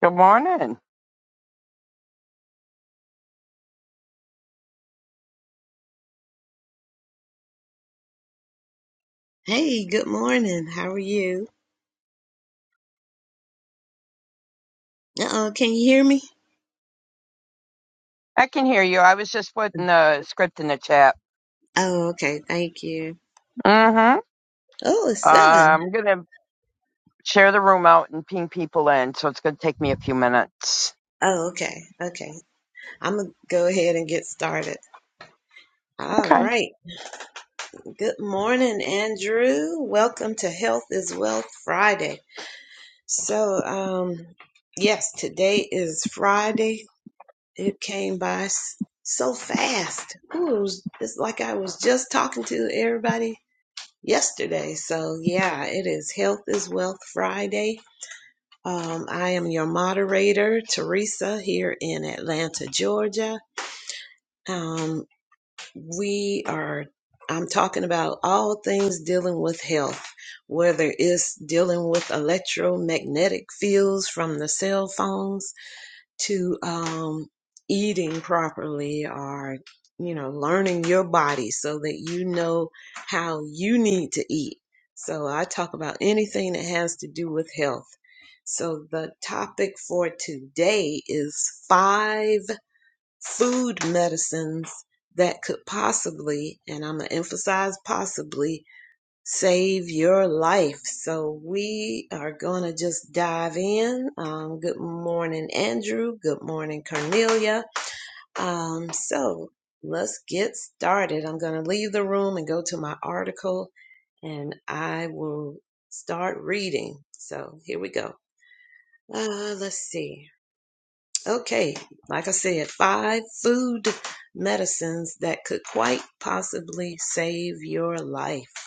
Good morning. Hey, good morning. How are you? Uh-oh, can you hear me? I can hear you. I was just putting the script in the chat. Oh, okay. Thank you. Mm-hmm. Oh, it's Uh, seven. I'm gonna share the room out and ping people in, so it's gonna take me a few minutes. Oh, okay. Okay. I'm gonna go ahead and get started. All Okay. right. Good morning, Andrew. Welcome to Health is Wealth Friday. So, um, yes, today is Friday. It came by s- so fast. Ooh, it was- it's like I was just talking to everybody yesterday. So, yeah, it is Health is Wealth Friday Um, I am your moderator, Teresa, here in Atlanta, Georgia. Um, we are, I'm talking about all things dealing with health, whether it's dealing with electromagnetic fields from the cell phones to um, eating properly or you know learning your body so that you know how you need to eat so i talk about anything that has to do with health so the topic for today is five food medicines that could possibly and i'm going to emphasize possibly save your life. So we are going to just dive in. Um, good morning, Andrew. Good morning, Cornelia. Um, so let's get started. I'm going to leave the room and go to my article and I will start reading. So here we go. Uh, let's see. Okay, like I said, five food medicines that could quite possibly save your life.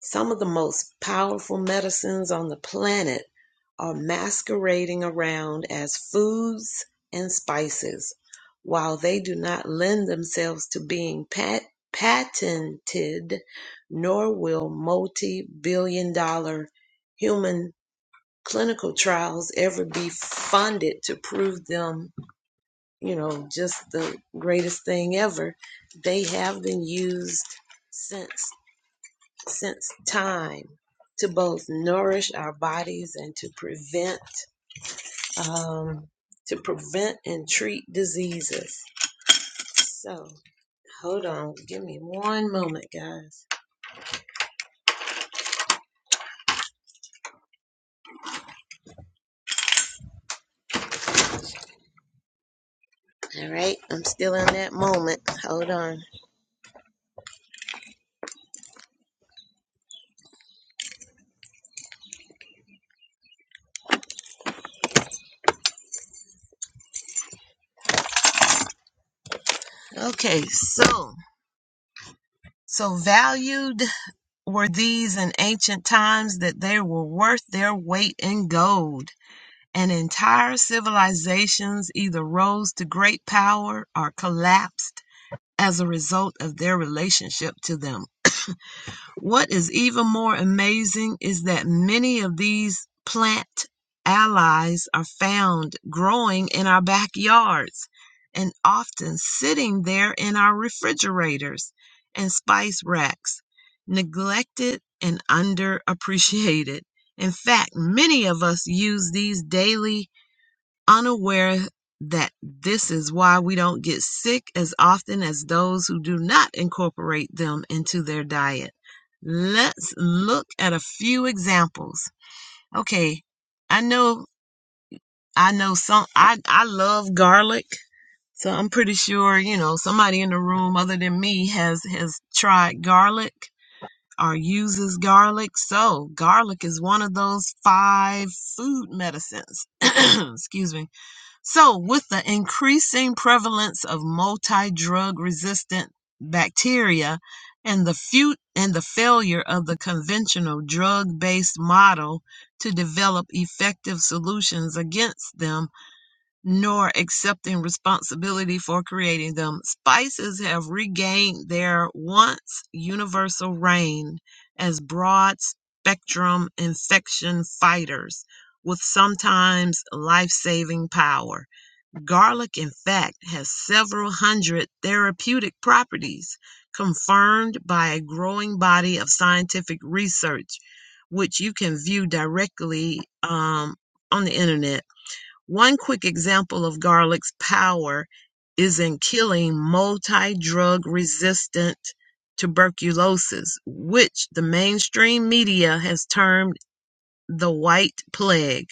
Some of the most powerful medicines on the planet are masquerading around as foods and spices. While they do not lend themselves to being pat- patented, nor will multi billion dollar human clinical trials ever be funded to prove them, you know, just the greatest thing ever, they have been used since since time to both nourish our bodies and to prevent um, to prevent and treat diseases. So hold on, give me one moment, guys. All right, I'm still in that moment. Hold on. Okay, so so valued were these in ancient times that they were worth their weight in gold. And entire civilizations either rose to great power or collapsed as a result of their relationship to them. What is even more amazing is that many of these plant allies are found growing in our backyards and often sitting there in our refrigerators and spice racks, neglected and underappreciated. In fact, many of us use these daily unaware that this is why we don't get sick as often as those who do not incorporate them into their diet. Let's look at a few examples. Okay, I know I know some I I love garlic. So I'm pretty sure, you know, somebody in the room other than me has has tried garlic or uses garlic. So, garlic is one of those five food medicines. Excuse me so, with the increasing prevalence of multi-drug resistant bacteria and the few and the failure of the conventional drug-based model to develop effective solutions against them nor accepting responsibility for creating them, spices have regained their once universal reign as broad spectrum infection fighters with sometimes life-saving power. Garlic, in fact, has several hundred therapeutic properties confirmed by a growing body of scientific research, which you can view directly um, on the internet. One quick example of garlic's power is in killing multi drug resistant tuberculosis, which the mainstream media has termed the white plague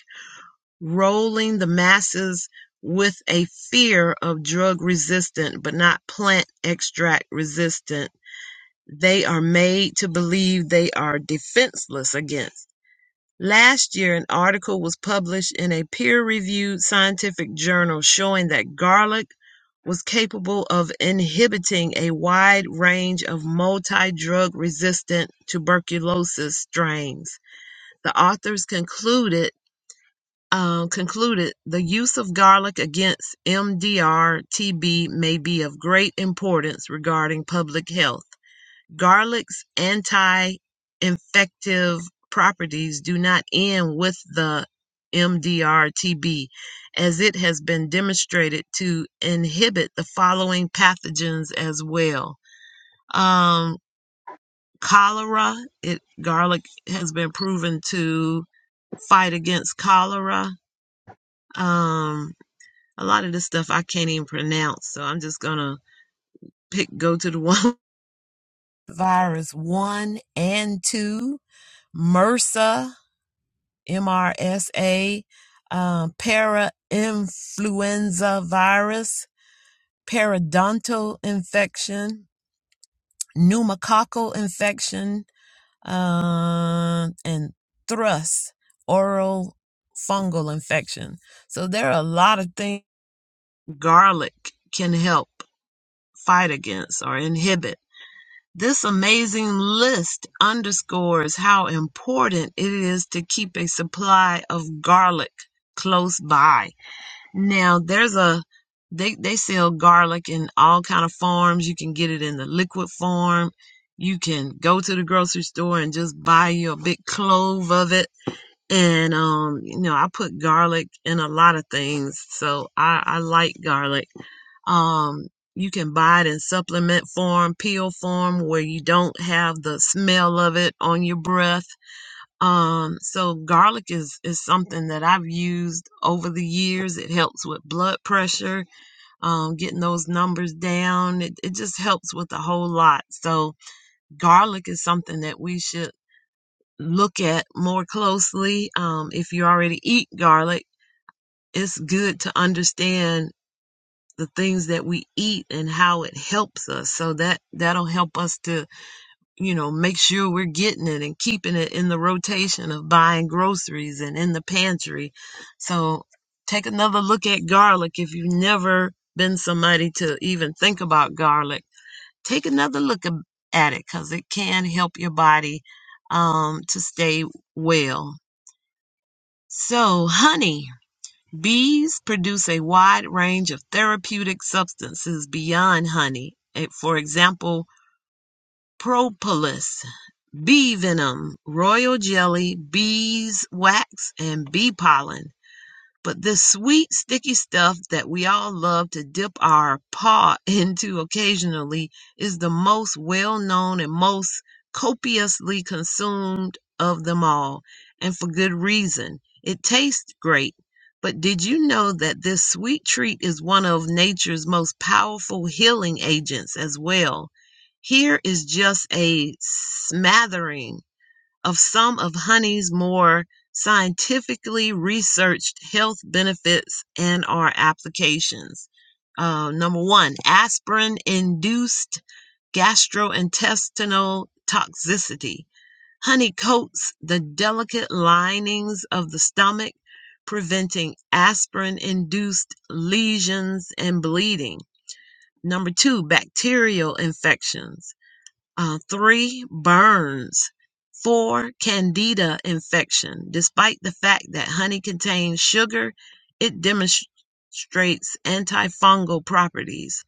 rolling the masses with a fear of drug resistant but not plant extract resistant they are made to believe they are defenseless against. Last year, an article was published in a peer reviewed scientific journal showing that garlic was capable of inhibiting a wide range of multi drug resistant tuberculosis strains. The authors concluded um, concluded the use of garlic against MDR TB may be of great importance regarding public health. Garlic's anti infective properties do not end with the MDR TB, as it has been demonstrated to inhibit the following pathogens as well. Um, cholera, it, garlic has been proven to fight against cholera. Um, A lot of this stuff I can't even pronounce, so I'm just gonna pick go to the one. Virus one and two, MRSA, MRSA, um, para virus, periodontal infection, pneumococcal infection, uh, and thrush, oral fungal infection. So there are a lot of things garlic can help fight against or inhibit. This amazing list underscores how important it is to keep a supply of garlic close by. Now, there's a they they sell garlic in all kind of forms. You can get it in the liquid form. You can go to the grocery store and just buy you a big clove of it and um you know i put garlic in a lot of things so i i like garlic um you can buy it in supplement form peel form where you don't have the smell of it on your breath um so garlic is is something that i've used over the years it helps with blood pressure um getting those numbers down it, it just helps with a whole lot so garlic is something that we should look at more closely. Um, if you already eat garlic, it's good to understand the things that we eat and how it helps us. So that that'll help us to, you know, make sure we're getting it and keeping it in the rotation of buying groceries and in the pantry. So take another look at garlic if you've never been somebody to even think about garlic. Take another look ab- at it cuz it can help your body um to stay well. So, honey, bees produce a wide range of therapeutic substances beyond honey. Eh, For example, propolis, bee venom, royal jelly, beeswax, and bee pollen. But this sweet, sticky stuff that we all love to dip our paw into occasionally is the most well known and most copiously consumed of them all, and for good reason. It tastes great. But did you know that this sweet treat is one of nature's most powerful healing agents as well? Here is just a smattering of some of honey's more scientifically researched health benefits and our applications. Uh, number one, aspirin induced gastrointestinal toxicity. Honey coats the delicate linings of the stomach, preventing aspirin induced lesions and bleeding. Number two, bacterial infections uh, three burns, four candida infection. Despite the fact that honey contains sugar, it demonstrates antifungal properties.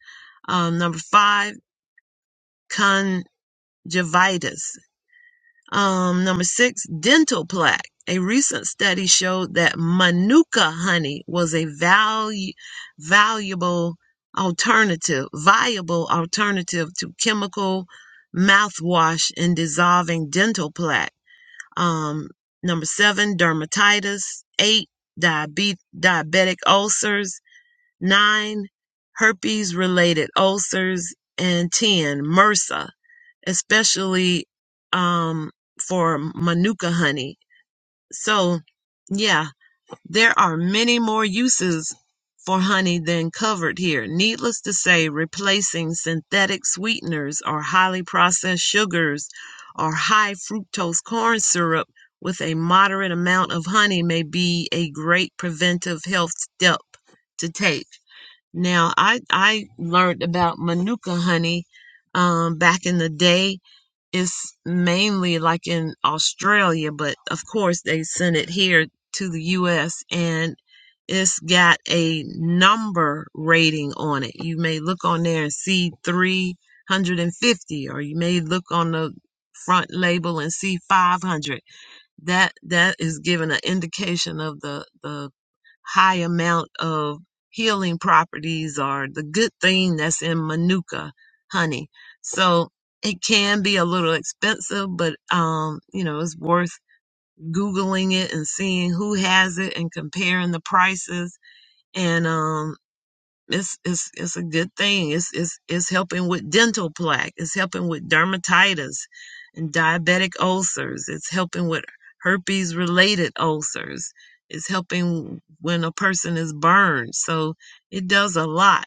Um, number five, conjunctivitis. Um, number six, dental plaque. A recent study showed that manuka honey was a valu- valuable alternative, viable alternative to chemical mouthwash in dissolving dental plaque. Um, number seven, dermatitis. Eight, diabe- diabetic ulcers. Nine, herpes related ulcers. And 10, MRSA especially um, for manuka honey. So, yeah, there are many more uses for honey than covered here. Needless to say, replacing synthetic sweeteners or highly processed sugars or high fructose corn syrup with a moderate amount of honey may be a great preventive health step to take. Now, I, I learned about manuka honey um, back in the day it's mainly like in Australia, but of course they sent it here to the US and it's got a number rating on it. You may look on there and see 350 or you may look on the front label and see 500. That that is giving an indication of the the high amount of healing properties or the good thing that's in manuka honey. So it can be a little expensive, but um, you know, it's worth googling it and seeing who has it and comparing the prices. And um it's it's it's a good thing. It's it's it's helping with dental plaque. It's helping with dermatitis and diabetic ulcers. It's helping with herpes related ulcers. It's helping when a person is burned. So it does a lot.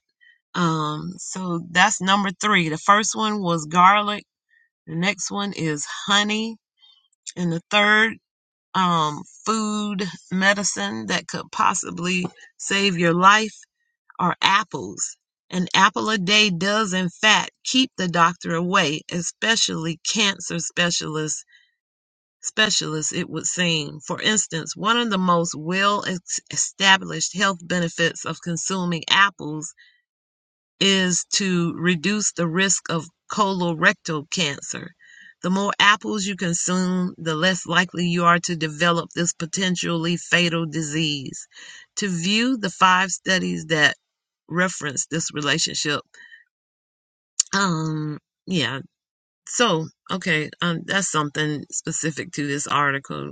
Um so that's number 3. The first one was garlic. The next one is honey and the third um food medicine that could possibly save your life are apples. An apple a day does, in fact, keep the doctor away, especially cancer specialists. Specialists, it would seem. For instance, one of the most well established health benefits of consuming apples is to reduce the risk of colorectal cancer. The more apples you consume, the less likely you are to develop this potentially fatal disease. To view the five studies that reference this relationship, um, yeah. So, okay, um, that's something specific to this article.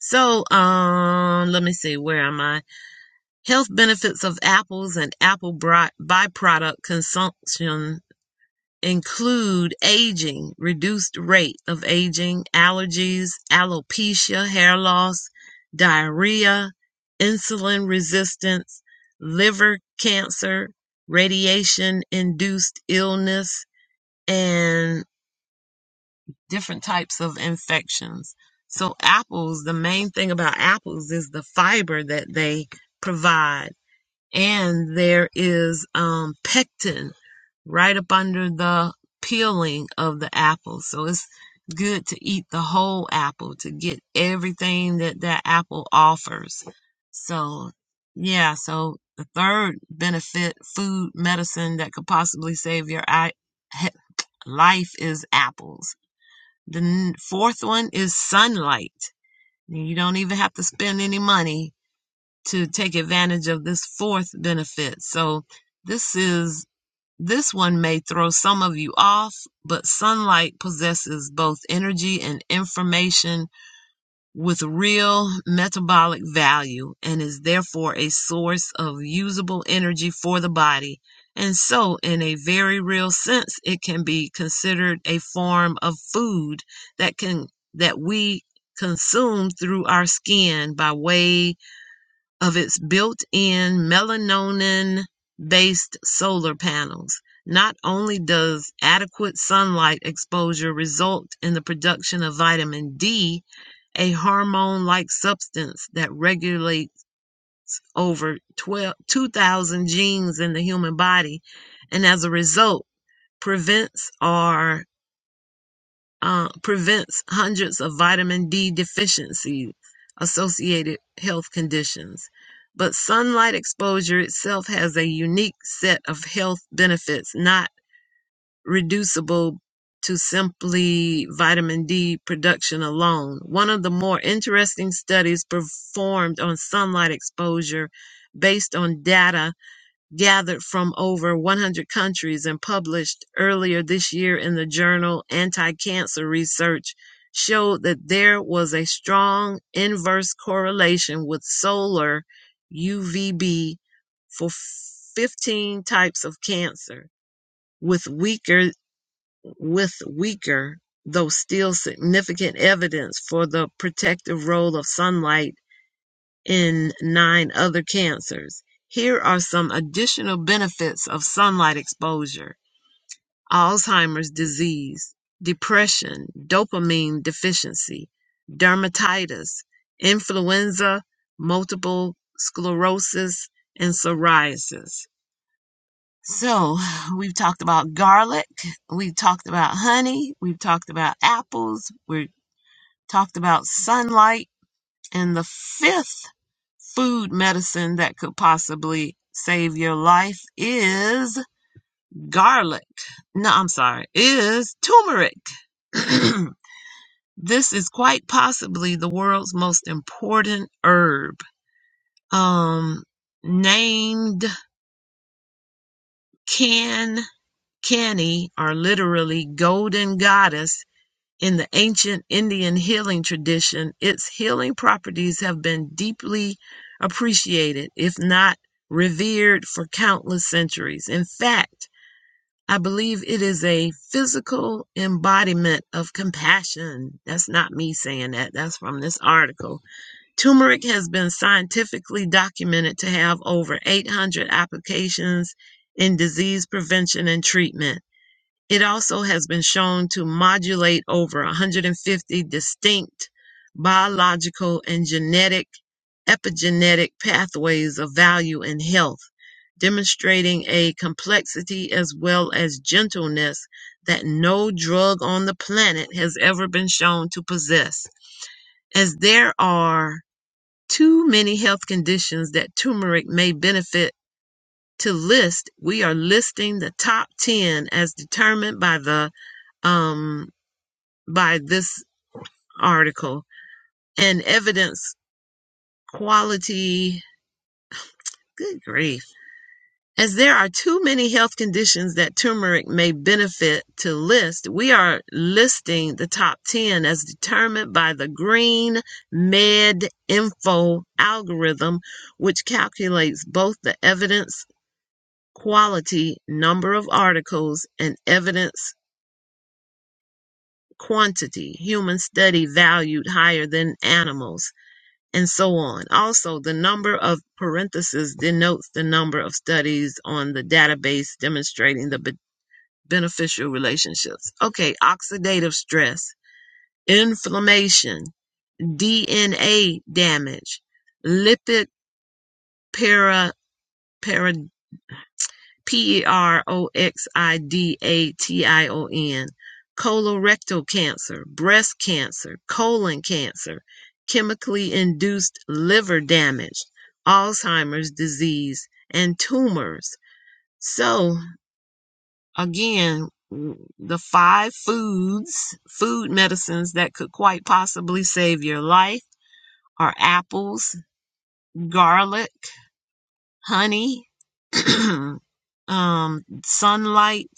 So, um, let me see, where am I? Health benefits of apples and apple byproduct consumption include aging, reduced rate of aging, allergies, alopecia, hair loss, diarrhea, insulin resistance, liver cancer, radiation induced illness, and different types of infections. So, apples, the main thing about apples is the fiber that they provide. And there is um, pectin, right up under the peeling of the apple. So it's good to eat the whole apple to get everything that that apple offers. So, yeah, so the third benefit, food medicine that could possibly save your eye, he- life is apples. The n- fourth one is sunlight. You don't even have to spend any money to take advantage of this fourth benefit. So, this is this one may throw some of you off, but sunlight possesses both energy and information with real metabolic value and is therefore a source of usable energy for the body. And so, in a very real sense, it can be considered a form of food that can that we consume through our skin by way of its built-in melanonin-based solar panels. Not only does adequate sunlight exposure result in the production of vitamin D, a hormone-like substance that regulates over 2,000 genes in the human body, and as a result prevents or uh, prevents hundreds of vitamin D deficiency associated health conditions. But sunlight exposure itself has a unique set of health benefits not reducible to simply vitamin D production alone. One of the more interesting studies performed on sunlight exposure based on data gathered from over 100 countries and published earlier this year in the journal Anti Cancer Research showed that there was a strong inverse correlation with solar UVB for 15 types of cancer with weaker with weaker though still significant evidence for the protective role of sunlight in nine other cancers. Here are some additional benefits of sunlight exposure Alzheimer's disease, depression, dopamine deficiency, dermatitis, influenza, multiple sclerosis, and psoriasis. So, we've talked about garlic, we've talked about honey, we've talked about apples, we've talked about sunlight, and the fifth food medicine that could possibly save your life is garlic. No, I'm sorry, is turmeric. this is quite possibly the world's most important herb. Um, named Can Canny, or literally golden goddess, In the ancient Indian healing tradition, its healing properties have been deeply appreciated, if not revered, for countless centuries. In fact, I believe it is a physical embodiment of compassion. That's not me saying that, that's from this article. Turmeric has been scientifically documented to have over 800 applications in disease prevention and treatment. It also has been shown to modulate over 150 distinct biological and genetic epigenetic pathways of value in health, demonstrating a complexity as well as gentleness that no drug on the planet has ever been shown to possess. As there are too many health conditions that turmeric may benefit to list, we are listing the top 10 as determined by the um, by this article and evidence quality. Good grief. As there are too many health conditions that turmeric may benefit to list, we are listing the top 10 as determined by the Green Med Info algorithm, which calculates both the evidence quality, number of articles, and evidence quantity, human study valued higher than animals. and so on. Also, the number of parentheses denotes the number of studies on the database demonstrating the be- beneficial relationships. Okay, oxidative stress, inflammation, DNA damage, lipid para, para- P E R O X I D A T I O N, colorectal cancer, breast cancer, colon cancer, chemically induced liver damage, Alzheimer's disease, and tumors. So, again, the five foods, food medicines that could quite possibly save your life are apples, garlic, honey, um, sunlight,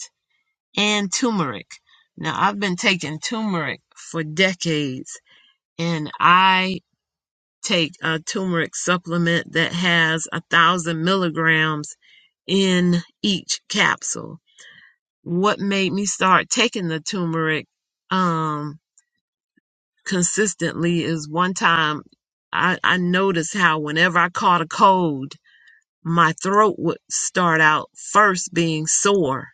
and turmeric. Now, I've been taking turmeric for decades, and I take a turmeric supplement that has a thousand milligrams in each capsule. What made me start taking the turmeric um, consistently is one time I, I noticed how whenever I caught a cold, my throat would start out first being sore.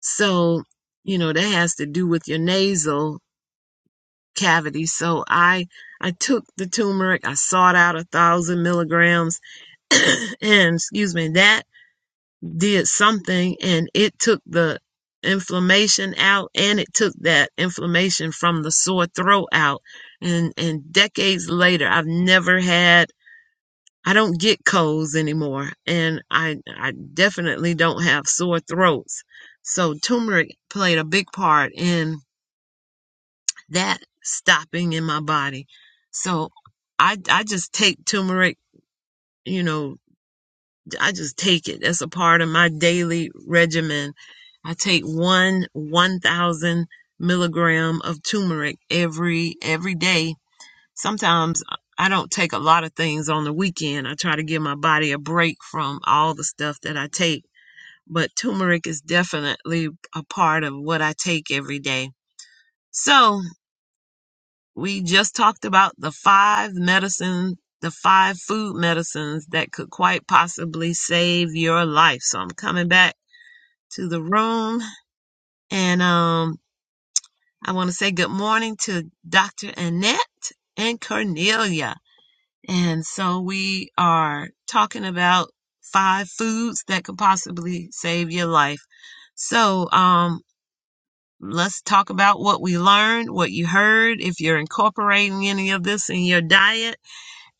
So, you know, that has to do with your nasal cavity. So I I took the turmeric, I sought out a thousand milligrams, and excuse me, that did something, and it took the inflammation out, and it took that inflammation from the sore throat out. And and decades later, I've never had. I don't get colds anymore, and I I definitely don't have sore throats. So turmeric played a big part in that stopping in my body. So I I just take turmeric, you know, I just take it. That's a part of my daily regimen. I take one one thousand milligram of turmeric every every day. Sometimes I don't take a lot of things on the weekend. I try to give my body a break from all the stuff that I take. But turmeric is definitely a part of what I take every day. So, We just talked about the five medicine, the five food medicines that could quite possibly save your life. So I'm coming back to the room and um I want to say good morning to Dr. Annette and Cornelia. And so we are talking about five foods that could possibly save your life. So um let's talk about what we learned, what you heard, if you're incorporating any of this in your diet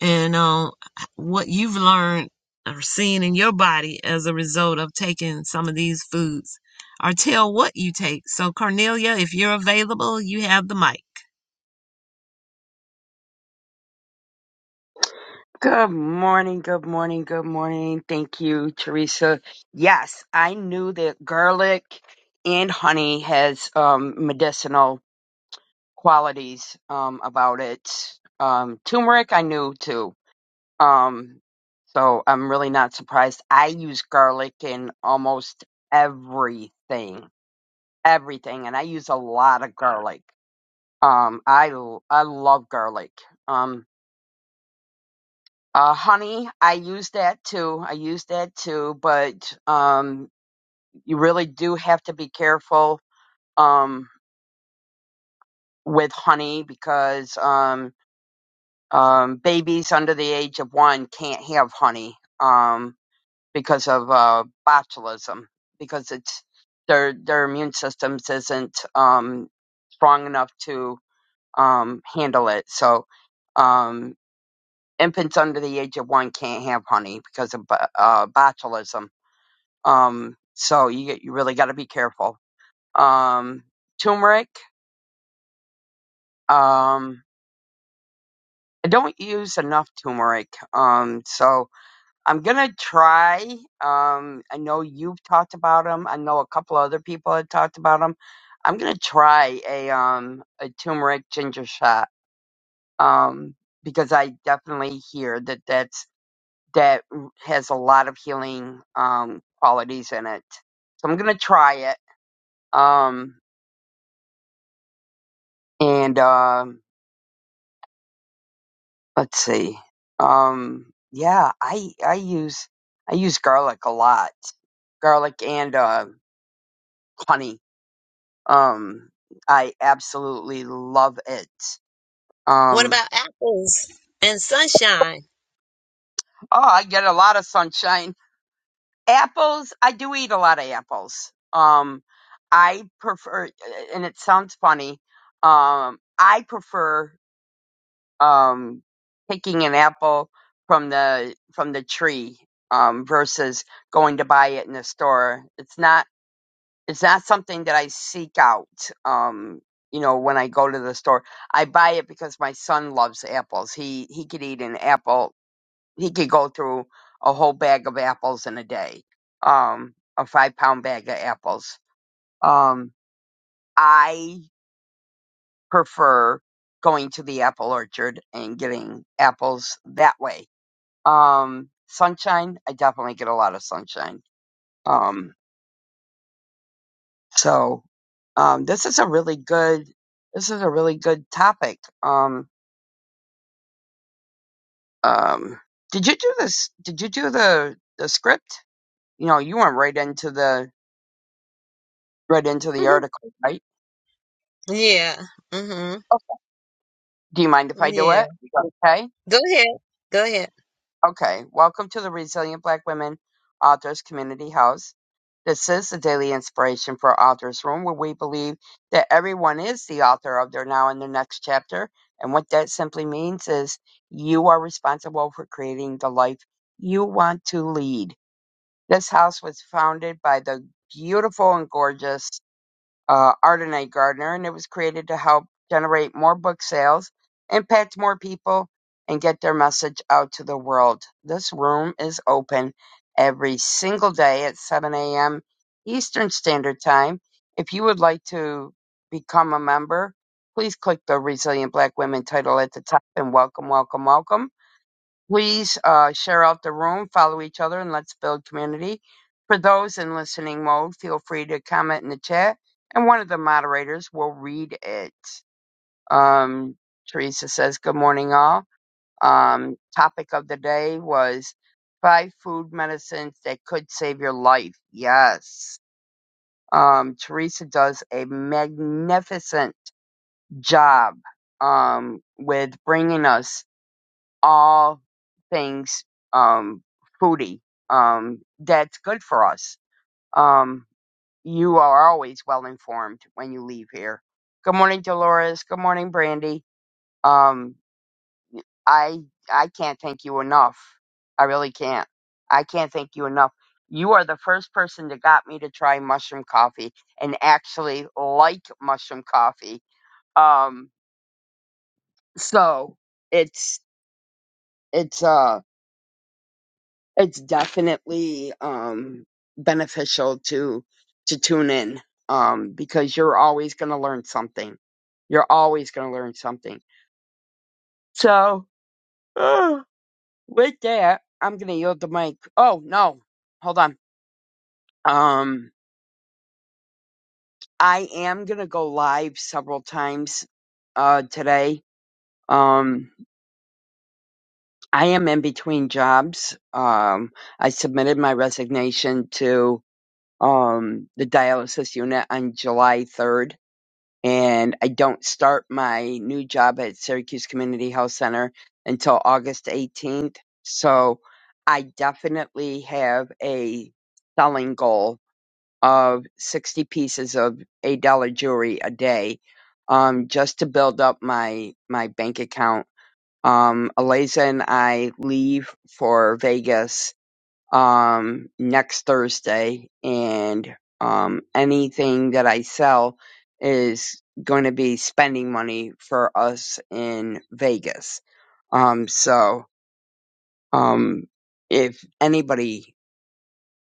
and um, what you've learned or seen in your body as a result of taking some of these foods, or tell what you take. So, Cornelia, if you're available, you have the mic. Good morning, good morning, good morning. Thank you, Teresa. Yes, I knew that garlic and honey has um, medicinal qualities um, about it. Um, turmeric, I knew too. Um, so I'm really not surprised. I use garlic in almost everything, everything, and I use a lot of garlic. Um, I l- I love garlic. Um, uh, honey, I use that too. I use that too, but um, you really do have to be careful um with honey because um um babies under the age of one can't have honey. Um. because of uh, botulism because it's their their immune systems isn't um, strong enough to um, handle it. So um, infants under the age of one can't have honey because of bo- uh, botulism. Um, so you you really got to be careful. Um, turmeric. Um, I don't use enough turmeric. Um, so I'm gonna try. Um, I know you've talked about them. I know a couple other people had talked about them. I'm gonna try a um a turmeric ginger shot. Um, because I definitely hear that that's that has a lot of healing um qualities in it. So I'm gonna try it. Um, and um, let's see. Um, yeah, I I use I use garlic a lot, garlic and uh, honey Um, I absolutely love it. What Um, about apples and sunshine? oh, I get a lot of sunshine. Apples, I do eat a lot of apples. Um, I prefer, and it sounds funny. Um, I prefer um picking an apple from the from the tree um versus going to buy it in the store. It's not. it's not something that I seek out. Um, you know, when I go to the store, I buy it because my son loves apples. He he could eat an apple. He could go through a whole bag of apples in a day. Um, a five pound bag of apples. Um, I prefer going to the apple orchard and getting apples that way. Um, sunshine, I definitely get a lot of sunshine. Um, So um, this is a really good this is a really good topic. Um, um, did you do this? Did you do the the script? You know, you went right into the right into the article, right? yeah. Mm-hmm. Do you mind if I do Yeah. it? Okay. Go ahead. Go ahead. Okay, welcome to the Resilient Black Women Authors Community House. This is the daily inspiration for Authors Room, where we believe that everyone is the author of their now and their next chapter. And what that simply means is you are responsible for creating the life you want to lead. This house was founded by the beautiful and gorgeous uh, Ardenite Gardner, and it was created to help generate more book sales, impact more people, and get their message out to the world. This room is open every single day at 7 a.m. Eastern Standard Time. If you would like to become a member, please click the Resilient Black Women title at the top and welcome, welcome, welcome. Please uh, share out the room, follow each other, and let's build community. For those in listening mode, feel free to comment in the chat, and one of the moderators will read it. Um, Teresa says, "Good morning, all." Um, topic of the day was five food medicines that could save your life. Yes, um, Teresa does a magnificent job um, with bringing us all things um foodie um that's good for us um you are always well informed when you leave here good morning dolores good morning brandy um i i can't thank you enough i really can't i can't thank you enough you are the first person that got me to try mushroom coffee and actually like mushroom coffee um so it's it's uh. it's definitely um beneficial to to tune in um because you're always going to learn something you're always going to learn something so uh, with that i'm going to yield the mic oh no hold on um i am going to go live several times uh today um i am in between jobs um i submitted my resignation to um the dialysis unit on july 3rd and I don't start my new job at Syracuse Community Health Center until August 18th. So I definitely have a selling goal of 60 pieces of $8 jewelry a day um, just to build up my, my bank account. Um, Eliza and I leave for Vegas um, next Thursday, and um, anything that I sell is going to be spending money for us in Vegas. Um, so, um, if anybody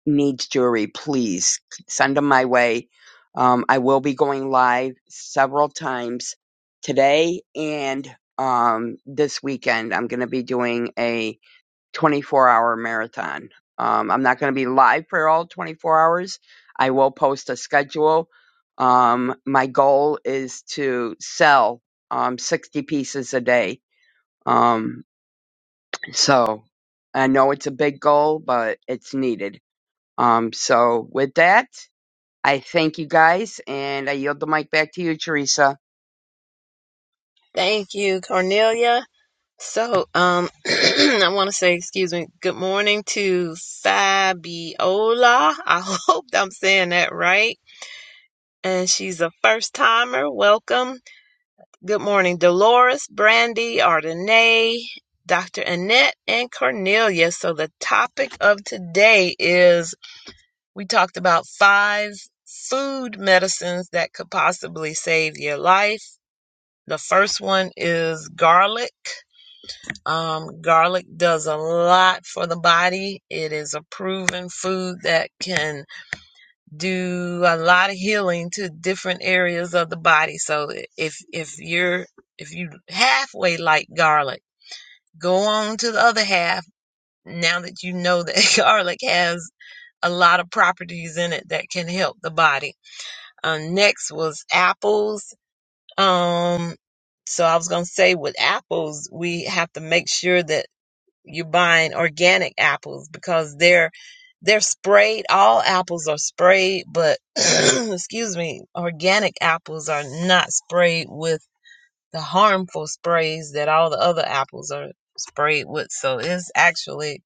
needs jewelry, please send them my way. Um, I will be going live several times today and um, this weekend. I'm going to be doing a 24 hour marathon. Um, I'm not going to be live for all 24 hours. I will post a schedule. Um, my goal is to sell um, 60 pieces a day. Um, so I know it's a big goal, but it's needed. Um, so with that, I thank you guys and I yield the mic back to you, Teresa. Thank you, Cornelia. So, um, I want to say, excuse me, good morning to Fabiola. I hope I'm saying that right and she's a first timer. Welcome. Good morning, Dolores, Brandy, Ardenay, Dr. Annette, and Cornelia. So, the topic of today is we talked about five food medicines that could possibly save your life. The first one is garlic. Um, garlic does a lot for the body. It is a proven food that can do a lot of healing to different areas of the body. So if if you're if you halfway like garlic, go on to the other half now that you know that garlic has a lot of properties in it that can help the body. Uh, next was apples. Um so I was going to say with apples, we have to make sure that you're buying organic apples because they're they're sprayed. All apples are sprayed, but excuse me, organic apples are not sprayed with the harmful sprays that all the other apples are sprayed with. So it's actually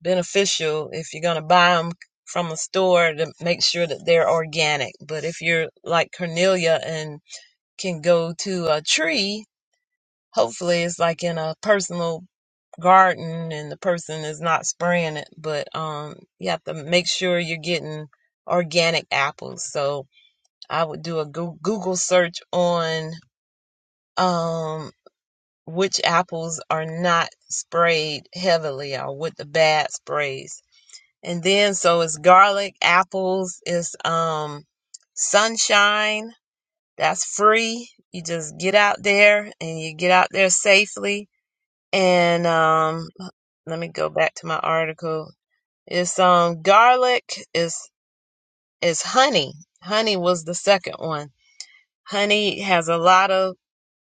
beneficial if you're going to buy them from a store to make sure that they're organic. But if you're like Cornelia and can go to a tree, hopefully it's like in a personal garden and the person is not spraying it, but um, you have to make sure you're getting organic apples. So I would do a Google search on um which apples are not sprayed heavily or with the bad sprays. And then so it's garlic, apples, it's um sunshine, that's free. You just get out there and you get out there safely. And um let me go back to my article It's um garlic. It's it's honey. Honey was the second one. Honey has a lot of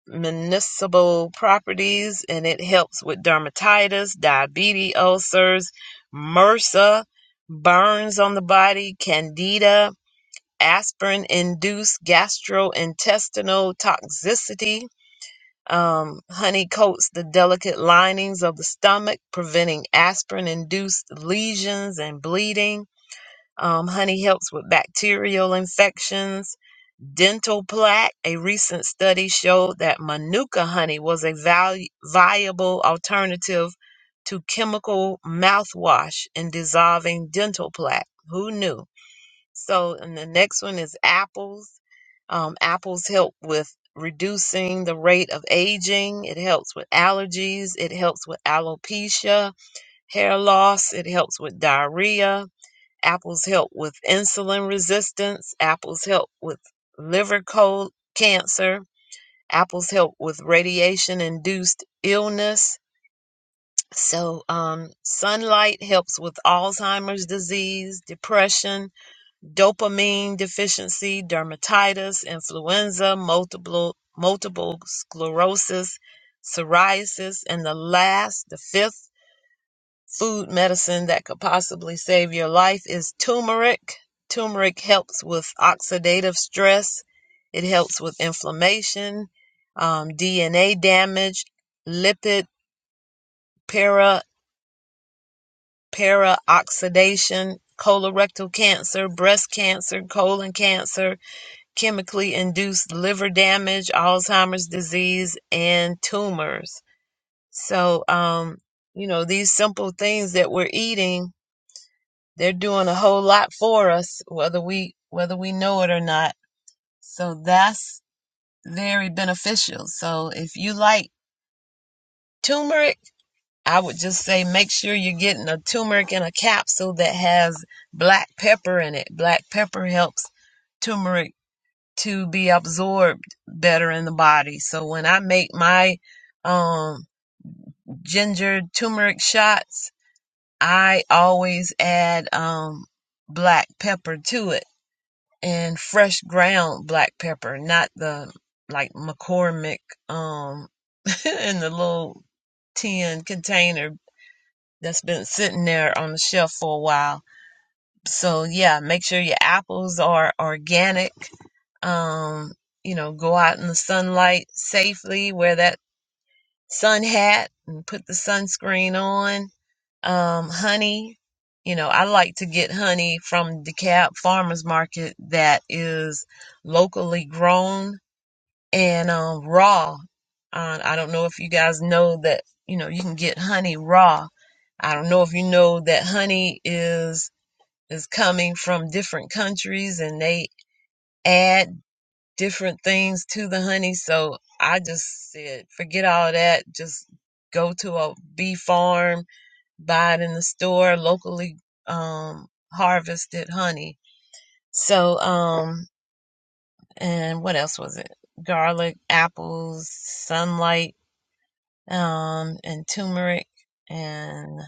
medicinal properties and it helps with dermatitis, diabetes, ulcers, MRSA, burns on the body, candida, aspirin induced gastrointestinal toxicity. Um, honey coats the delicate linings of the stomach, preventing aspirin induced lesions and bleeding Um, honey helps with bacterial infections. Dental plaque. A recent study showed that Manuka honey was a valu- viable alternative to chemical mouthwash in dissolving dental plaque. Who knew? So, and the next one is apples. Um, apples help with reducing the rate of aging. It helps with allergies. It helps with alopecia, hair loss. It helps with diarrhea Apples help with insulin resistance. Apples help with liver cold cancer. Apples help with radiation induced illness. So, um, sunlight helps with Alzheimer's disease, depression, dopamine deficiency, dermatitis, influenza, multiple multiple sclerosis, psoriasis, and the last, the fifth food medicine that could possibly save your life is turmeric. Turmeric helps with oxidative stress, it helps with inflammation, um, DNA damage, lipid para, para oxidation, colorectal cancer, breast cancer, colon cancer, chemically induced liver damage, Alzheimer's disease, and tumors. So, um, you know, these simple things that we're eating they're doing a whole lot for us whether we whether we know it or not so that's very beneficial so if you like turmeric i would just say make sure you're getting a turmeric in a capsule that has black pepper in it black pepper helps turmeric to be absorbed better in the body so when i make my um ginger turmeric shots i always add um black pepper to it and fresh ground black pepper, not the like McCormick um in the little tin container that's been sitting there on the shelf for a while. So yeah, make sure your apples are organic. Um, you know, go out in the sunlight safely, wear that sun hat and put the sunscreen on um, honey. You know, I like to get honey from DeKalb Farmers Market that is locally grown and um, raw. Uh, I don't know if you guys know that, you know, you can get honey raw. I don't know if you know that honey is is coming from different countries and they add different things to the honey. So I just said, forget all that. Just go to a bee farm buy it in the store, locally um, harvested honey. So, um, and what else was it? Garlic, apples, sunlight, um, and turmeric, and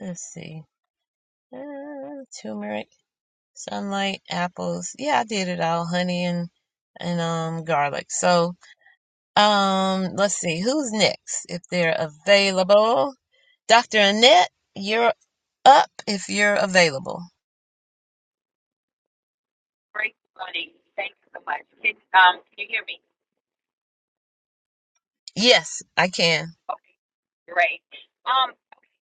let's see, uh, turmeric, sunlight, apples. Yeah, I did it all, honey and and um garlic. So, um, let's see who's next if they're available. Dr. Annette, you're up if you're available. Great, morning! Thank you so much. Can, um, can you hear me? Yes, I can. Okay, great. Um,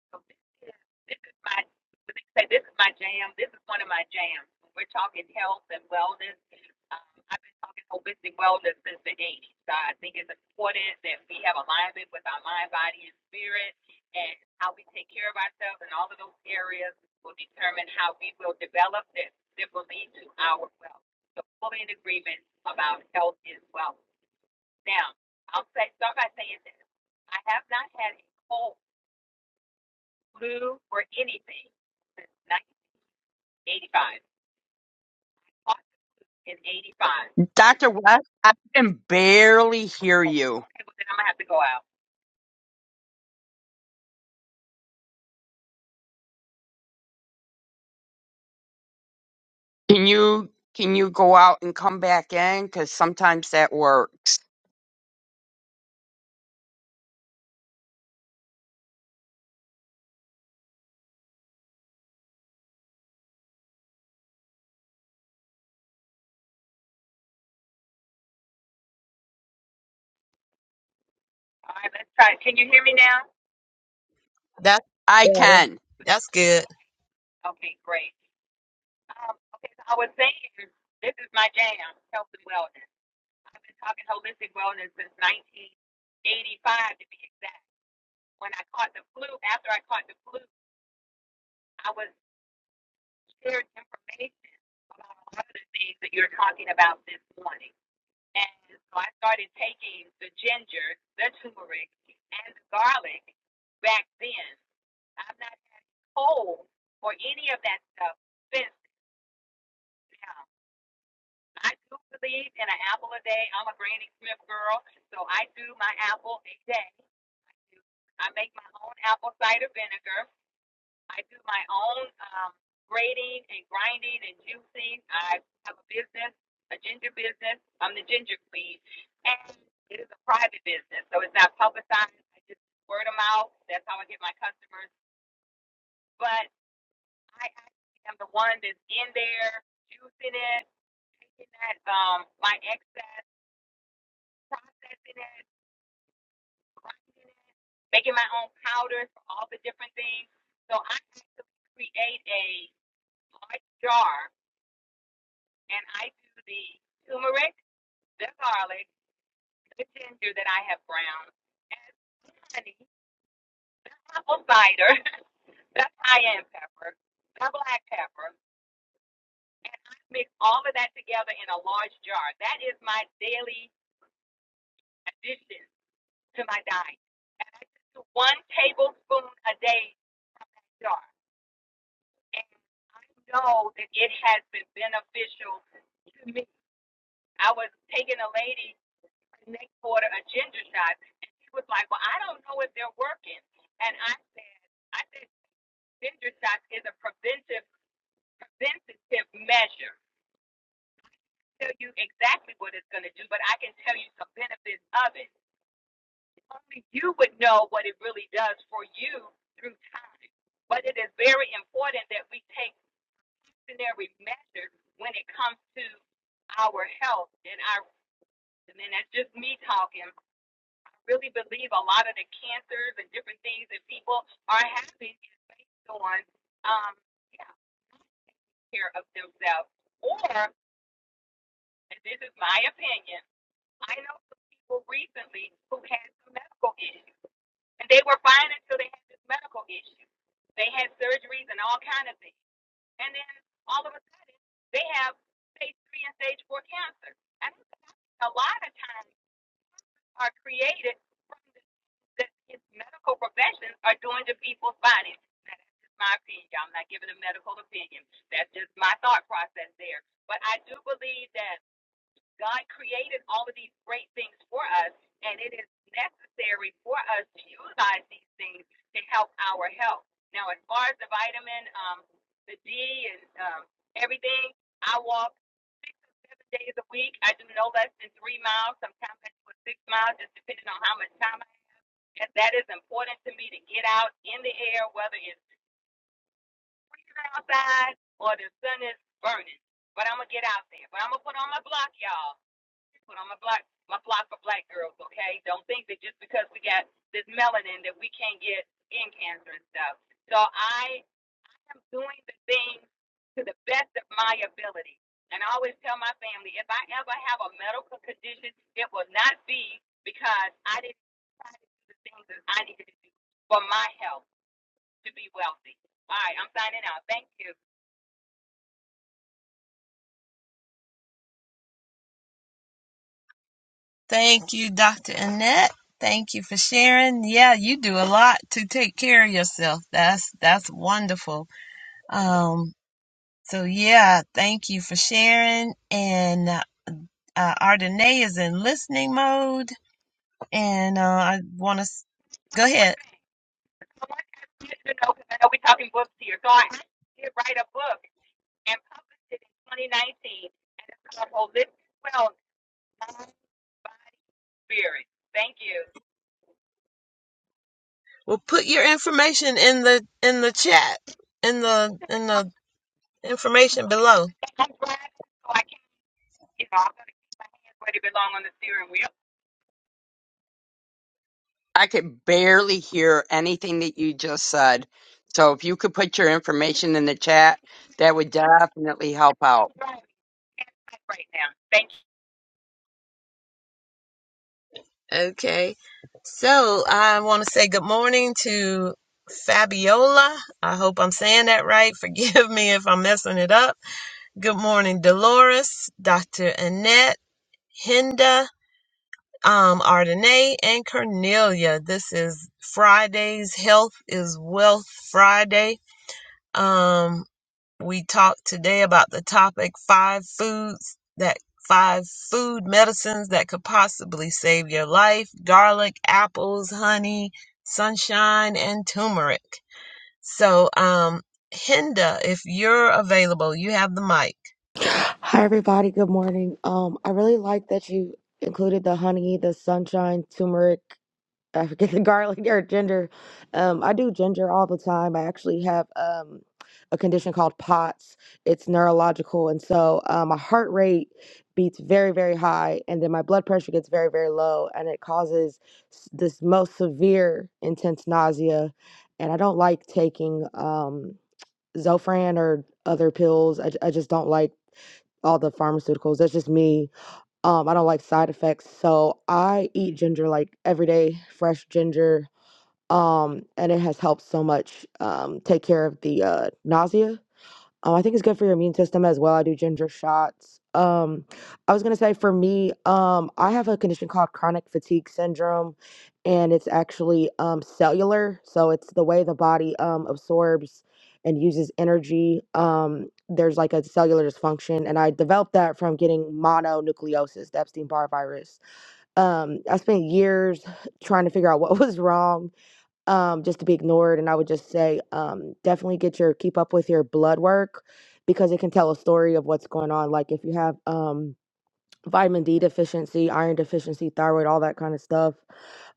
so this is this is my let me say this is my jam. This is one of my jams. When We're talking health and wellness. Um, I've been talking holistic wellness since the '80s. So I think it's important that we have alignment with our mind, body, and spirit, and how we take care of ourselves in all of those areas will determine how we will develop this that will lead to our wealth. So fully in agreement about health is wealth. Now, I'll say start by saying this. I have not had a cold, flu, or anything since 1985. Caught in 85. Dr. West, I can barely hear Oh, you. okay, well then I'm gonna have to go out. Can you can you go out and come back in? Because sometimes that works. All right, let's try it. Can you hear me now? That's I better. can. Okay, That's good. okay, great. Um, okay, so I was saying this is my jam, health and wellness. I've been talking holistic wellness since 1985 to be exact. When I caught the flu, after I caught the flu, I was. shared information about a lot of the things that you're talking about this morning. And so I started taking the ginger, the turmeric, and the garlic back then. I've not had cold or any of that stuff since now. I do believe in an apple a day. I'm a Granny Smith girl, so I do my apple a day. I, do, I make my own apple cider vinegar. I do my own um, grading and grinding and juicing. I have a business, a ginger business. I'm the ginger queen, and it is a private business, so it's not publicized. I just word of mouth. That's how I get my customers. But I actually am the one that's in there juicing it, taking that um my excess, processing it, grinding it, making my own powders for all the different things. So I actually create a large jar and I do the turmeric, the garlic, the ginger that I have ground, and honey, apple cider, the cayenne pepper, the black pepper, and I mix all of that together in a large jar. That is my daily addition to my diet. And I just do one tablespoon a day from that jar. And I know that it has been beneficial to me. I was taking a lady. next order a ginger shot. And she was like, Well, I don't know if they're working. And I said, I said, ginger shots is a preventive preventative measure. Tell you exactly what it's going to do, but I can tell you some benefits of it. Only you would know what it really does for you through time. But it is very important that we take precautionary measures when it comes to our health and our. And that's just me talking really believe a lot of the cancers and different things that people are having is based on um, yeah, care of themselves. Or, and this is my opinion, I know some people recently who had some medical issues, and they were fine until they had this medical issue. They had surgeries and all kind of things, and then all of a sudden they have stage three and stage four cancer. And a lot of times are created from the that his medical professions are doing to people's bodies. Now, that's just my opinion. I'm not giving a medical opinion. That's just my thought process there. But I do believe that God created all of these great things for us, and it is necessary for us to utilize these things to help our health. Now, as far as the vitamin, um, the D, and um, everything, I walk six or seven days a week. I do no less than three miles. Sometimes I do six miles, just depending on how much time I have. and that is important to me to get out in the air, whether it's freezing outside or the sun is burning. But I'm gonna get out there. But I'm gonna put on my block, y'all put on my block my block for black girls, okay? Don't think that just because we got this melanin that we can't get skin cancer and stuff. So I am doing the things to the best of my ability. And I always tell my family if I ever have a medical condition, it will not be because I didn't try to do the things that I needed to do for my health to be wealthy. All right, I'm signing out. Thank you. Thank you, Dr. Annette. Thank you for sharing. Yeah, you do a lot to take care of yourself. That's that's wonderful. Um, so yeah, thank you for sharing. And uh, Ardenae is in listening mode, and uh, I want to go One more ahead. thing. I want to know because I know we're talking books here. So I did write a book and published it in 2019, and it's called Holistic Wellness, Mind, Body, Spirit. Thank you. Well, put your information in the in the chat in the in the I'm information below. driving, so I can't, you know, I'm going to keep my hands where they belong on the steering wheel. I could barely hear anything that you just said. So if you could put your information in the chat, that would definitely help I'm out. driving. Can't type right now. Thank you. Okay. So I want to say good morning to Fabiola. I hope I'm saying that right. Forgive me if I'm messing it up. Good morning, Dolores, Dr. Annette, Hinda, um, Ardenae, and Cornelia. This is Friday's Health is Wealth Friday. Um. We talked today about the topic five foods that five food medicines that could possibly save your life garlic, apples, honey, sunshine, and turmeric. So, um, Hinda, if you're available, you have the mic. Hi, everybody. Good morning. Um, I really like that you included the honey, the sunshine, turmeric. I forget the garlic or ginger. Um, I do ginger all the time. I actually have um a condition called POTS. It's neurological, and so uh, my heart rate beats very, very high, and then my blood pressure gets very, very low, and it causes s- this most severe, intense nausea. And I don't like taking um Zofran or other pills. I, j- I just don't like all the pharmaceuticals. That's just me. Um, I don't like side effects, so I eat ginger like every day, fresh ginger. Um, and it has helped so much um, take care of the uh, nausea. Um, I think it's good for your immune system as well. I do ginger shots. Um, I was gonna say for me, um, I have a condition called chronic fatigue syndrome, and it's actually um, cellular. So it's the way the body um, absorbs and uses energy. Um, there's like a cellular dysfunction, and I developed that from getting mononucleosis, the Epstein-Barr virus. Um, I spent years trying to figure out what was wrong um, just to be ignored. And I would just say, um, definitely get your keep up with your blood work because it can tell a story of what's going on. Like if you have um, vitamin D deficiency, iron deficiency, thyroid, all that kind of stuff.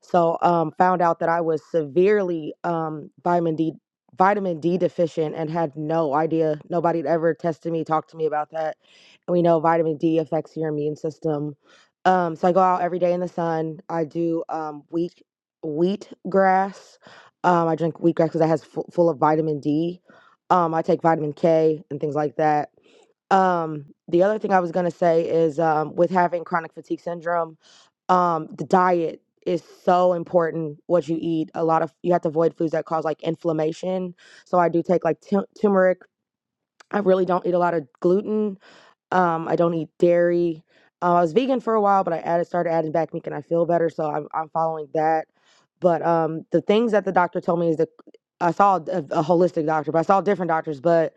So um, found out that I was severely um, vitamin D vitamin D deficient and had no idea. Nobody had ever tested me, talked to me about that. And we know vitamin D affects your immune system. Um, so I go out every day in the sun. I do um, wheat wheat grass. Um, I drink wheat grass because that has full, full of vitamin D. Um, I take vitamin K and things like that. Um, the other thing I was gonna say is um, with having chronic fatigue syndrome um the diet is so important what you eat a lot of you have to avoid foods that cause like inflammation so i do take like tu- turmeric i really don't eat a lot of gluten um i don't eat dairy uh, i was vegan for a while but i added started adding back meat and i feel better so i'm, I'm following that but um the things that the doctor told me is that i saw a, a holistic doctor but i saw different doctors but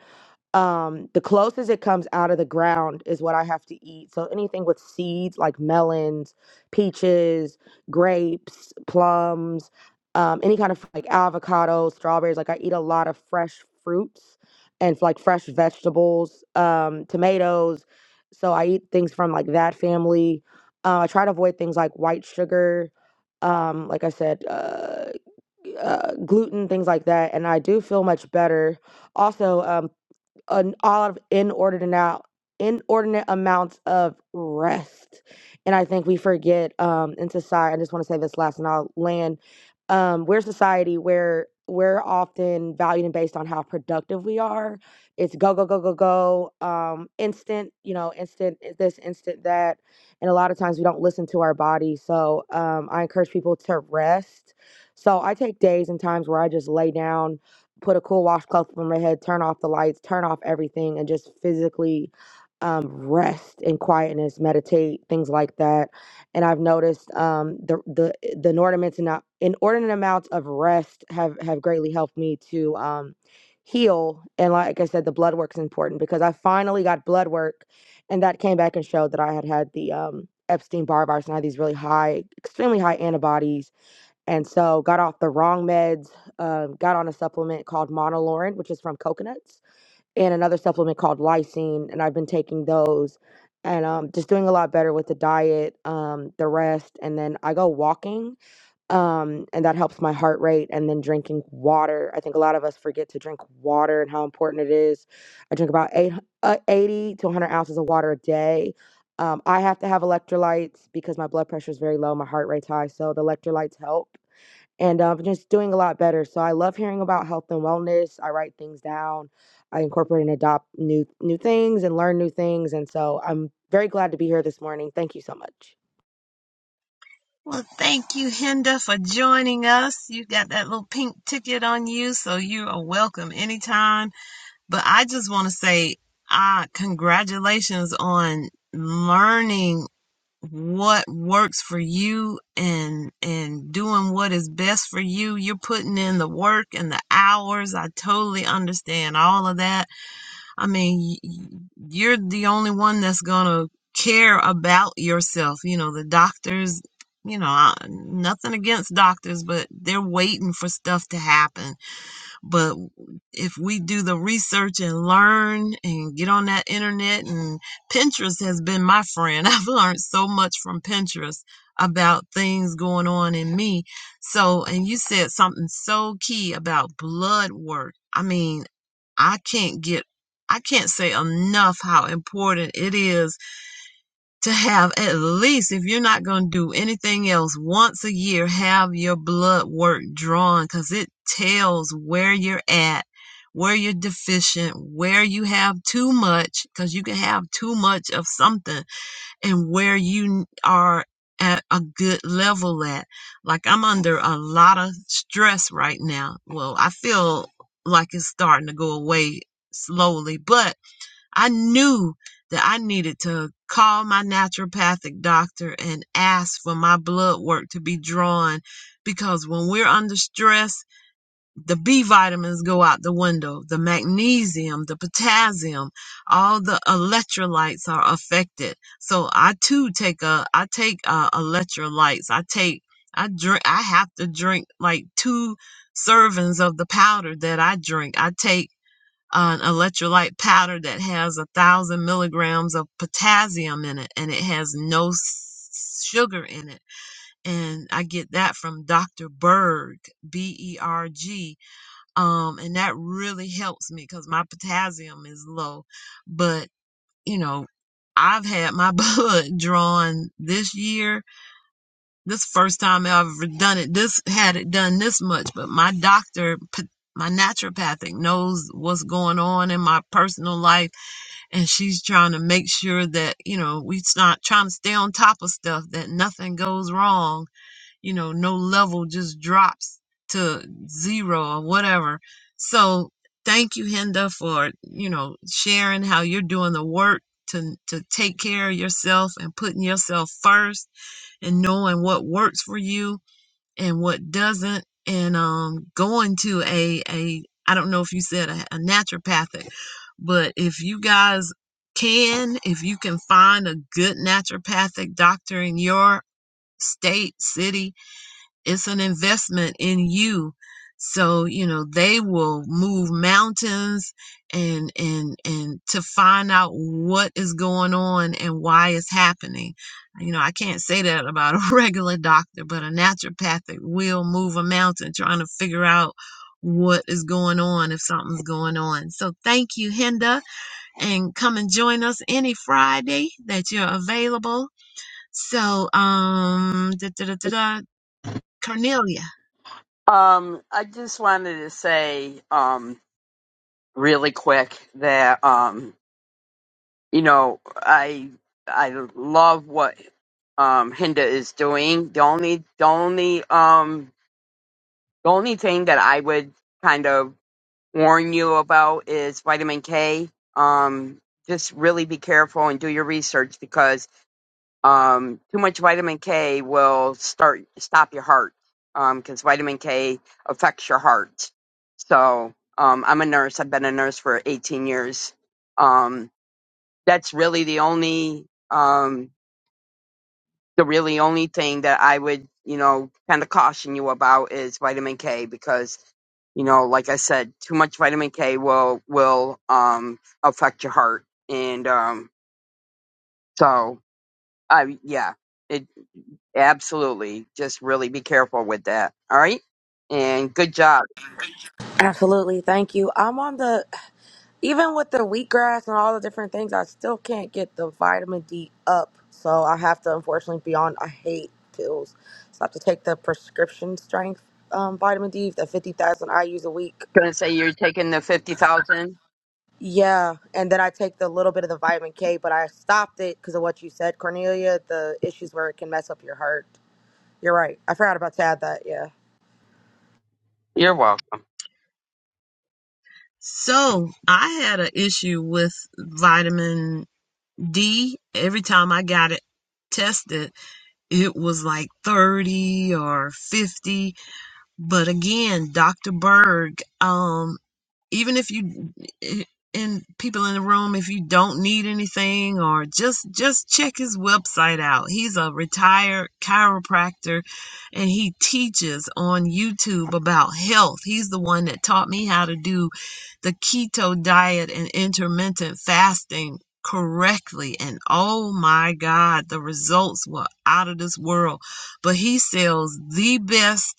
um the closest it comes out of the ground is what i have to eat so anything with seeds like melons peaches grapes plums um any kind of like avocados strawberries like i eat a lot of fresh fruits and like fresh vegetables um tomatoes so i eat things from like that family uh, i try to avoid things like white sugar um like i said uh, uh gluten things like that and i do feel much better also um, an all of inordinate out inordinate amounts of rest and i think we forget um in society i just want to say this last and i'll land um we're a society where we're often valued and based on how productive we are it's go go go go go um instant you know instant this instant that and a lot of times we don't listen to our body so um i encourage people to rest so i take days and times where i just lay down put a cool washcloth over my head, turn off the lights, turn off everything, and just physically um, rest in quietness, meditate, things like that. And I've noticed um, the the the inordinate amount, inordinate amounts of rest have have greatly helped me to um, heal. And like I said, the blood work's important because I finally got blood work, and that came back and showed that I had had the um, Epstein Barr virus and I had these really high, extremely high antibodies and so got off the wrong meds um, got on a supplement called monolaurin which is from coconuts and another supplement called lysine and i've been taking those and um, just doing a lot better with the diet um, the rest and then i go walking um, and that helps my heart rate and then drinking water i think a lot of us forget to drink water and how important it is i drink about eight, uh, 80 to 100 ounces of water a day um, i have to have electrolytes because my blood pressure is very low my heart rate's high so the electrolytes help and I'm just doing a lot better. So I love hearing about health and wellness. I write things down. I incorporate and adopt new new things and learn new things. And so I'm very glad to be here this morning. Thank you so much. Well, thank you, Hinda, for joining us. You got that little pink ticket on you, so you are welcome anytime. But I just want to say, ah, congratulations on learning what works for you and and doing what is best for you you're putting in the work and the hours i totally understand all of that i mean y- you're the only one that's gonna care about yourself you know the doctors you know I, nothing against doctors but they're waiting for stuff to happen but if we do the research and learn and get on that internet, and Pinterest has been my friend. I've learned so much from Pinterest about things going on in me. So, and you said something so key about blood work. I mean, I can't get, I can't say enough how important it is to have at least if you're not going to do anything else once a year have your blood work drawn because it tells where you're at where you're deficient where you have too much because you can have too much of something and where you are at a good level at like i'm under a lot of stress right now well i feel like it's starting to go away slowly but I knew that I needed to call my naturopathic doctor and ask for my blood work to be drawn because when we're under stress, the B vitamins go out the window, the magnesium, the potassium, all the electrolytes are affected. So I too take a I take uh, electrolytes. I take I drink I have to drink like two servings of the powder that I drink. I take an electrolyte powder that has a thousand milligrams of potassium in it and it has no s- sugar in it and i get that from dr berg b-e-r-g um and that really helps me because my potassium is low but you know i've had my blood drawn this year this first time i've ever done it this had it done this much but my doctor p- my naturopathic knows what's going on in my personal life and she's trying to make sure that you know we not trying to stay on top of stuff that nothing goes wrong you know no level just drops to zero or whatever so thank you hinda for you know sharing how you're doing the work to, to take care of yourself and putting yourself first and knowing what works for you and what doesn't and um going to a a i don't know if you said a, a naturopathic but if you guys can if you can find a good naturopathic doctor in your state city it's an investment in you so you know they will move mountains and and and to find out what is going on and why it's happening you know i can't say that about a regular doctor but a naturopathic will move a mountain trying to figure out what is going on if something's going on so thank you hinda and come and join us any friday that you're available so um da, da, da, da, da. cornelia Um, I just wanted to say, um, really quick that um, you know, I I love what um Hinda is doing. The only the only um the only thing that I would kind of warn you about is vitamin K. Um, just really be careful and do your research because um, too much vitamin K will start stop your heart because vitamin K affects your heart. So um, I'm a nurse. I've been a nurse for 18 years. Um, that's really the only um, the really only thing that I would you know kind of caution you about is vitamin K because you know, like I said, too much vitamin K will will um affect your heart, and um so I yeah, it absolutely just really be careful with that. All right, and good job. Absolutely. Thank you. I'm on the, even with the wheatgrass and all the different things, I still can't get the vitamin D up. So I have to unfortunately be on, I hate pills. So I have to take the prescription strength um, vitamin D, the 50,000 I use a week. Gonna say you're taking the fifty thousand. Yeah, and then I take the little bit of the vitamin K, but I stopped it because of what you said, Cornelia. The issues where it can mess up your heart. You're right. I forgot about to add that. Yeah. You're welcome. So I had an issue with vitamin D. Every time I got it tested, it was like 30 or 50. But again, Dr. Berg, um, even if you eh, and people in the room if you don't need anything or just just check his website out he's a retired chiropractor and he teaches on youtube about health he's the one that taught me how to do the keto diet and intermittent fasting correctly and oh my god the results were out of this world but he sells the best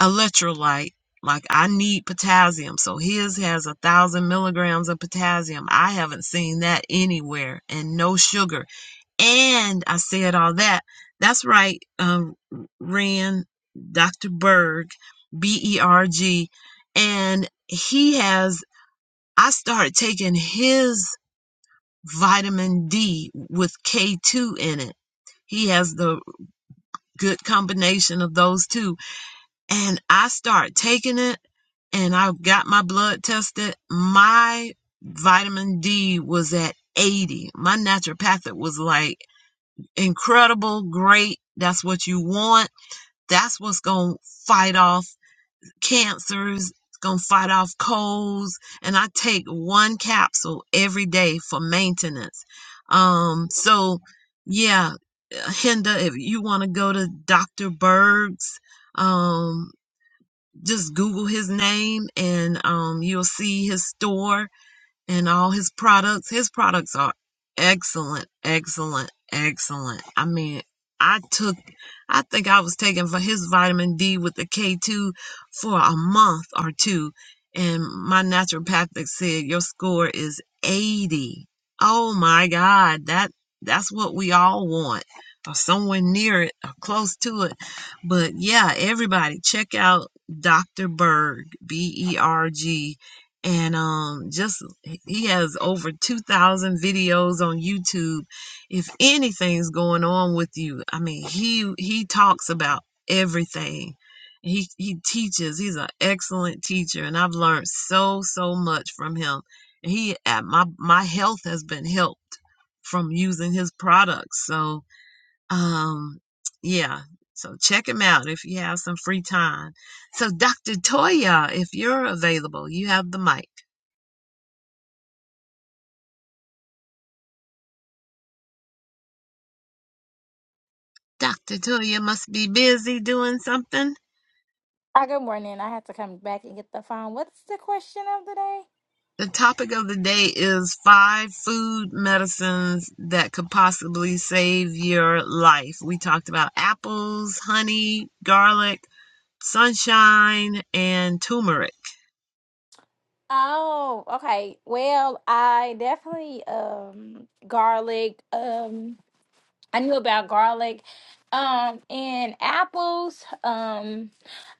electrolyte. Like I need potassium. So his has a thousand milligrams of potassium. I haven't seen that anywhere and no sugar. And I said all that. That's right, um, Ren, Dr. Berg, B E R G. And he has, I started taking his vitamin D with K2 in it. He has the good combination of those two and I start taking it and I got my blood tested, my vitamin D was at 80. My naturopathic was like, incredible, great. That's what you want. That's what's going to fight off cancers. It's going to fight off colds. And I take one capsule every day for maintenance. Um, so yeah, Hinda, if you want to go to Dr. Berg's, um, just Google his name and um, you'll see his store and all his products. His products are excellent, excellent, excellent. I mean, I took, I think I was taking for his vitamin D with the K2 for a month or two. And my naturopathic said, your score is 80. Oh my God. That, that's what we all want or somewhere near it or close to it. But yeah, everybody check out Dr. Berg, B E R G and um just he has over 2,000 videos on YouTube. If anything's going on with you, I mean, he he talks about everything. He he teaches. He's an excellent teacher, and I've learned so so much from him. And He uh, my my health has been helped from using his products. So um yeah. So check him out if you have some free time. So Dr. Toya, if you're available, you have the mic. Dr. Toya must be busy doing something. Ah, good morning. I had to come back and get the phone. What's the question of the day? The topic of the day is five food medicines that could possibly save your life. We talked about apples, honey, garlic, sunshine, and turmeric. Oh, okay. Well, I definitely um garlic. Um, I knew about garlic. Um, and apples. Um,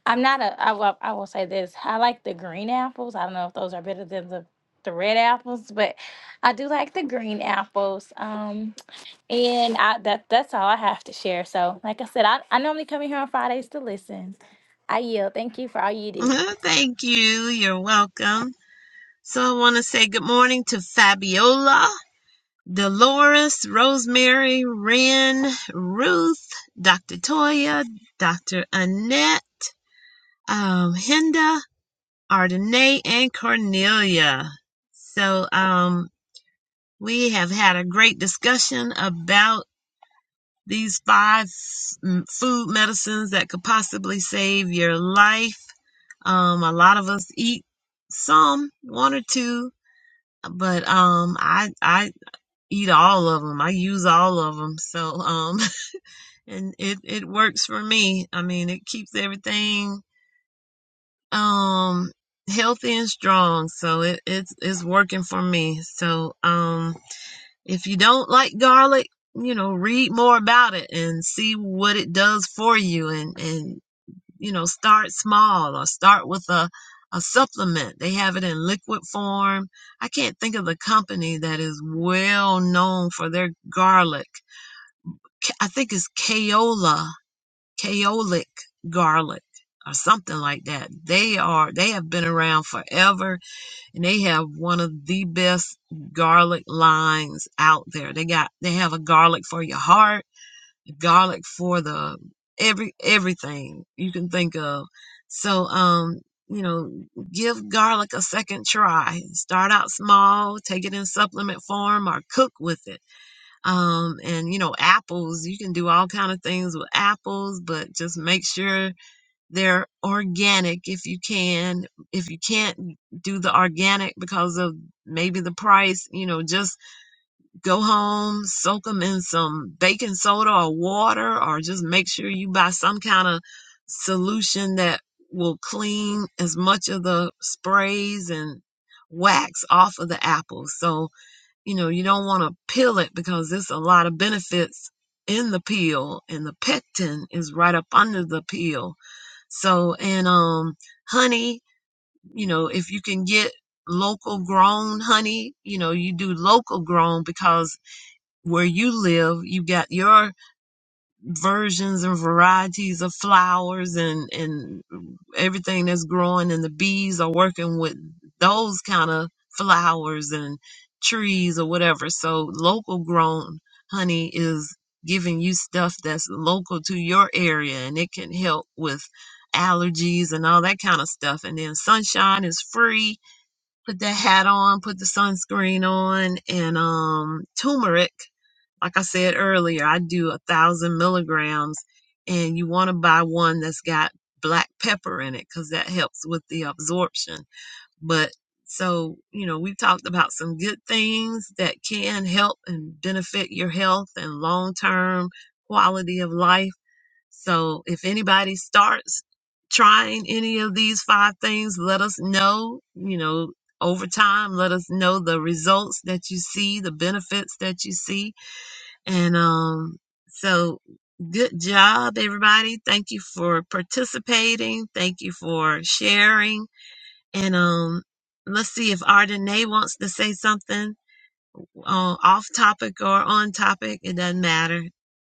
I'm not a. I will. I will say this. I like the green apples. I don't know if those are better than the the red apples, but I do like the green apples. Um, And I, that that's all I have to share. So, like I said, I, I normally come in here on Fridays to listen. I yield. Thank you for all you do. Thank you. You're welcome. So I want to say good morning to Fabiola, Dolores, Rosemary, Ren, Ruth, Dr. Toya, Dr. Annette, um, Hinda, Ardenae, and Cornelia. So um, we have had a great discussion about these five mm, food medicines that could possibly save your life. Um, a lot of us eat some, one or two, but um, I I eat all of them. I use all of them. So, um, and it, it works for me. I mean, it keeps everything, um, healthy and strong. So it, it's, it's working for me. So, um, if you don't like garlic, you know, read more about it and see what it does for you and, and, you know, start small or start with a, a supplement. They have it in liquid form. I can't think of the company that is well known for their garlic K- I think it's Kaola, Kaolic garlic or something like that. They are they have been around forever and they have one of the best garlic lines out there. They got they have a garlic for your heart, garlic for the every everything you can think of. So um you know, give garlic a second try. Start out small, take it in supplement form or cook with it um and you know apples you can do all kind of things with apples but just make sure they're organic if you can if you can't do the organic because of maybe the price you know just go home soak them in some baking soda or water or just make sure you buy some kind of solution that will clean as much of the sprays and wax off of the apples so you know, you don't want to peel it because there's a lot of benefits in the peel and the pectin is right up under the peel. So, and, um, honey, you know, if you can get local grown honey, you know, you do local grown because where you live, you got your versions and varieties of flowers and and everything that's growing and the bees are working with those kind of flowers and trees or whatever so local grown honey is giving you stuff that's local to your area and it can help with allergies and all that kind of stuff and then sunshine is free put the hat on put the sunscreen on and um turmeric like I said earlier, I do a thousand milligrams, and you want to buy one that's got black pepper in it because that helps with the absorption. But so, you know, we talked about some good things that can help and benefit your health and long term quality of life. So, if anybody starts trying any of these five things, let us know, you know, over time, let us know the results that you see, the benefits that you see and um, so good job, everybody. Thank you for participating. Thank you for sharing. And um, let's see if Ardenae wants to say something uh, off topic or on topic. It doesn't matter.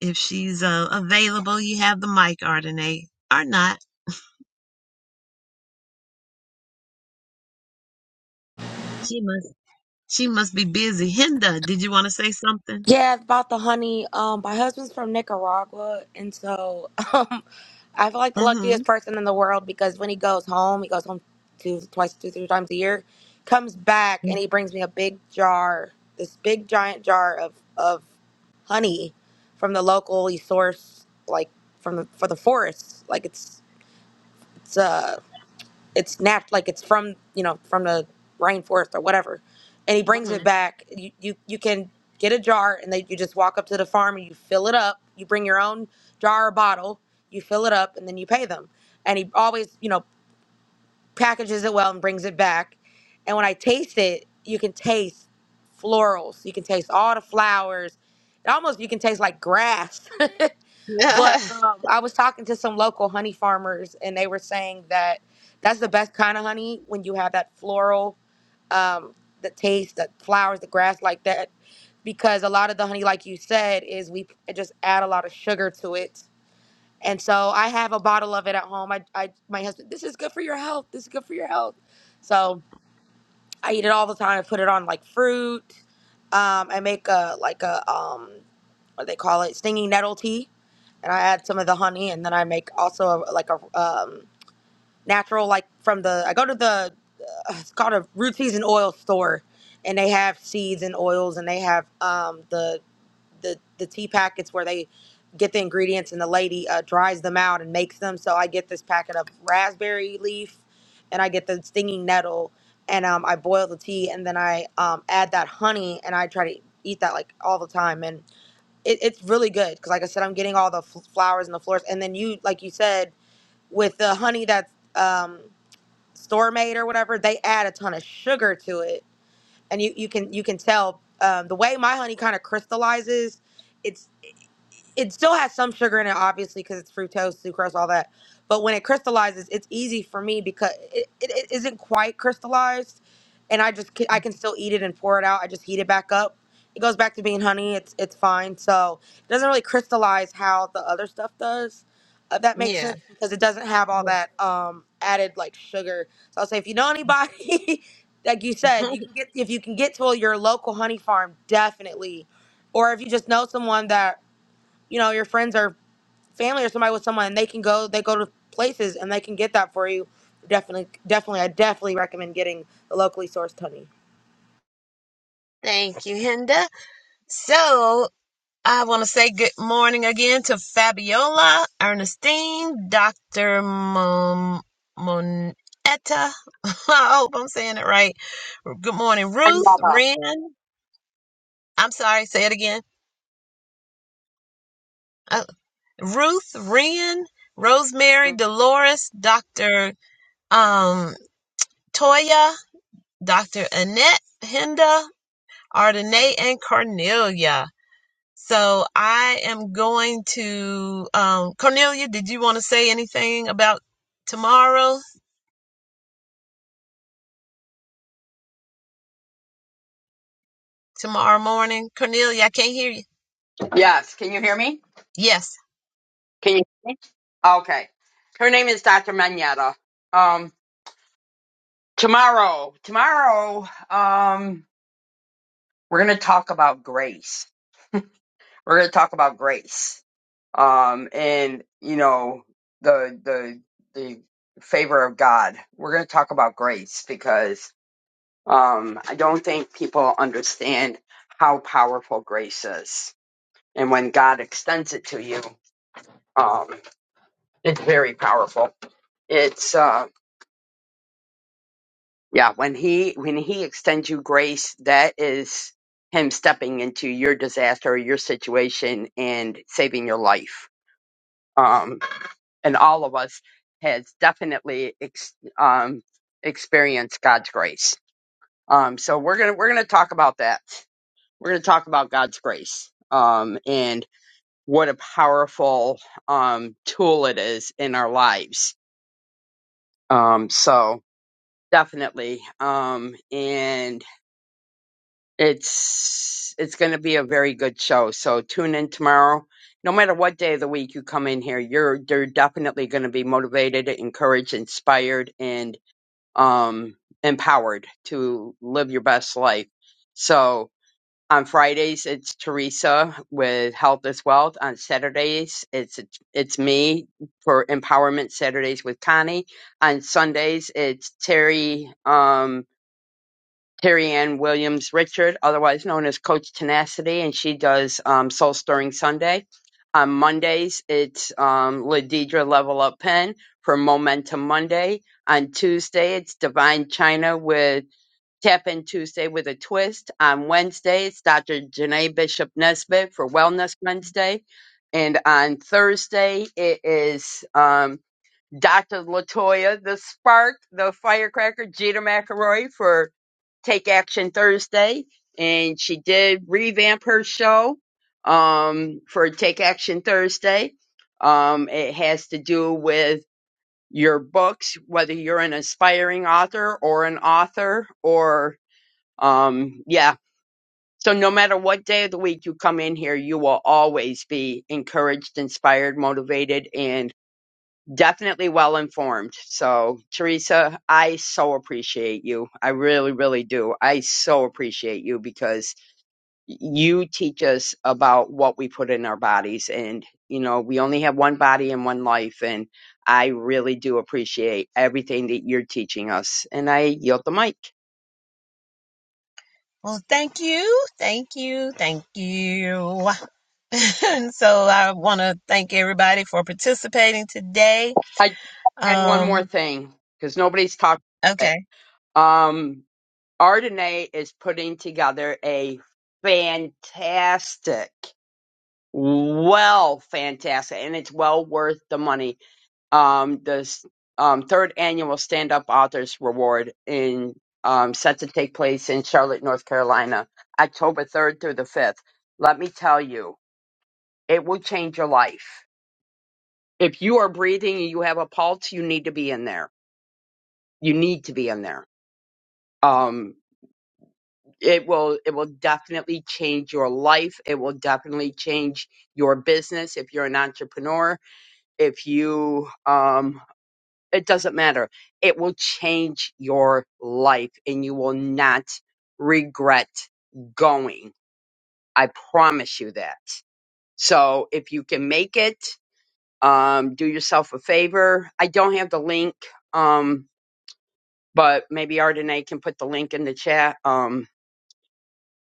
If she's uh, available, you have the mic, Ardenae, or not. She must. She must be busy. Hinda, did you want to say something? Yeah, about the honey. Um, my husband's from Nicaragua, and so um, I feel like the luckiest Mm-hmm. person in the world because when he goes home, he goes home two, twice, two, three times a year. Comes back and he brings me a big jar, this big giant jar of of honey from the locally source, like from the for the forest. Like it's it's uh it's nat like it's from you know from the rainforest or whatever and he brings it Mm-hmm. back you you, you can get a jar and they you just walk up to the farm and you fill it up you bring your own jar or bottle you fill it up and then you pay them and he always you know packages it well and brings it back and when i taste it you can taste florals you can taste all the flowers it almost you can taste like grass But um, I was talking to some local honey farmers, and they were saying that that's the best kind of honey when you have that floral, um, the taste, the flowers, the grass like that, because a lot of the honey, like you said, is we p- just add a lot of sugar to it. And so I have a bottle of it at home. I, I my husband, this is good for your health. This is good for your health. So I eat it all the time. I put it on like fruit. Um, I make a like a um what they call it, stinging nettle tea, and I add some of the honey, and then I make also a, like a um, natural like from the I go to the uh, it's called a root teas and oil store, and they have seeds and oils, and they have um, the the the tea packets where they get the ingredients, and the lady uh, dries them out and makes them. So I get this packet of raspberry leaf, and I get the stinging nettle. And um, I boil the tea, and then I um, add that honey, and I try to eat that like all the time. And it, it's really good because like i said i'm getting all the f- flowers and the flowers and then you like you said with the honey that's um, store made or whatever they add a ton of sugar to it and you, you can you can tell um, the way my honey kind of crystallizes It's it still has some sugar in it, obviously, because it's fructose, sucrose, all that. But when it crystallizes, it's easy for me because it, it, it isn't quite crystallized, and I just can, I can still eat it and pour it out. I just heat it back up. It goes back to being honey. It's it's fine. So it doesn't really crystallize how the other stuff does. If that makes yeah. sense because it doesn't have all that um, added like sugar. So I'll say if you know anybody, like you said, you can get if you can get to your local honey farm, definitely, or if you just know someone that you know, your friends or family or somebody with someone, and they can go, they go to places and they can get that for you. Definitely, definitely, I definitely recommend getting the locally sourced honey. Thank you, Hinda. So, I want to say good morning again to Fabiola, Ernestine, Dr. Mon- Monetta. I hope I'm saying it right. Good morning, I'm Ruth, welcome. Ren. I'm sorry, say it again. Uh, Ruth, Ren, Rosemary, Dolores, Dr. Um, Toya, Dr. Annette, Hinda, Ardenae, and Cornelia. So I am going to um, Cornelia. Did you want to say anything about tomorrow? Tomorrow morning, Cornelia. I can't hear you. Yes, can you hear me? Yes. Can you hear me? Okay. Her name is Dr. Manetta. Um, tomorrow, tomorrow, um, we're gonna talk about grace. We're gonna talk about grace um, and you know the the the favor of God. We're going to talk about grace because um, I don't think people understand how powerful grace is, and when God extends it to you, um, it's very powerful. It's uh, yeah, when he when he extends you grace, that is him stepping into your disaster, your situation, and saving your life. Um, and all of us has definitely ex- um, experienced God's grace. Um, so we're gonna we're gonna talk about that. We're gonna talk about God's grace um, and what a powerful um, tool it is in our lives. Um, so definitely, um, and it's it's gonna be a very good show. So tune in tomorrow. No matter what day of the week you come in here, you're you're definitely going to be motivated, encouraged, inspired, and um, empowered to live your best life. So on Fridays it's Teresa with Health is Wealth. On Saturdays it's it's me for Empowerment Saturdays with Connie. On Sundays it's Terry. Um, Terry Ann Williams Richard, otherwise known as Coach Tenacity, and she does um, Soul Stirring Sunday. On Mondays, it's um, Ladidra Level Up Pen for Momentum Monday. On Tuesday, it's Divine China with Tap In Tuesday with a Twist. On Wednesday, it's Dr. Janae Bishop Nesbitt for Wellness Wednesday. And on Thursday, it is um, Dr. Latoya, the spark, the firecracker, Jeter McElroy for Take Action Thursday, and she did revamp her show um, for Take Action Thursday. Um, it has to do with your books, whether you're an aspiring author or an author, or um, yeah. So no matter what day of the week you come in here, you will always be encouraged, inspired, motivated, and definitely well informed. So, Teresa, I so appreciate you. I really, really do. I so appreciate you because you teach us about what we put in our bodies. And, you know, we only have one body and one life. And I really do appreciate everything that you're teaching us. And I yield the mic. Well, thank you, thank you, thank you. and so I want to thank everybody for participating today. I had one more Um, thing because nobody's talked about okay, it. Um, Ardenae is putting together a fantastic Well, fantastic, and it's well worth the money. Um, the s- um, third annual Stand Up Authors Reward in um, set to take place in Charlotte, North Carolina, October third through the fifth. Let me tell you, it will change your life. If you are breathing and you have a pulse, you need to be in there. You need to be in there. Um, it will it will definitely change your life. It will definitely change your business if you're an entrepreneur if you um, It doesn't matter. It will change your life and you will not regret going. I promise you that. So if you can make it, um, do yourself a favor. I don't have the link, um, but maybe Ardenae can put the link in the chat. Um,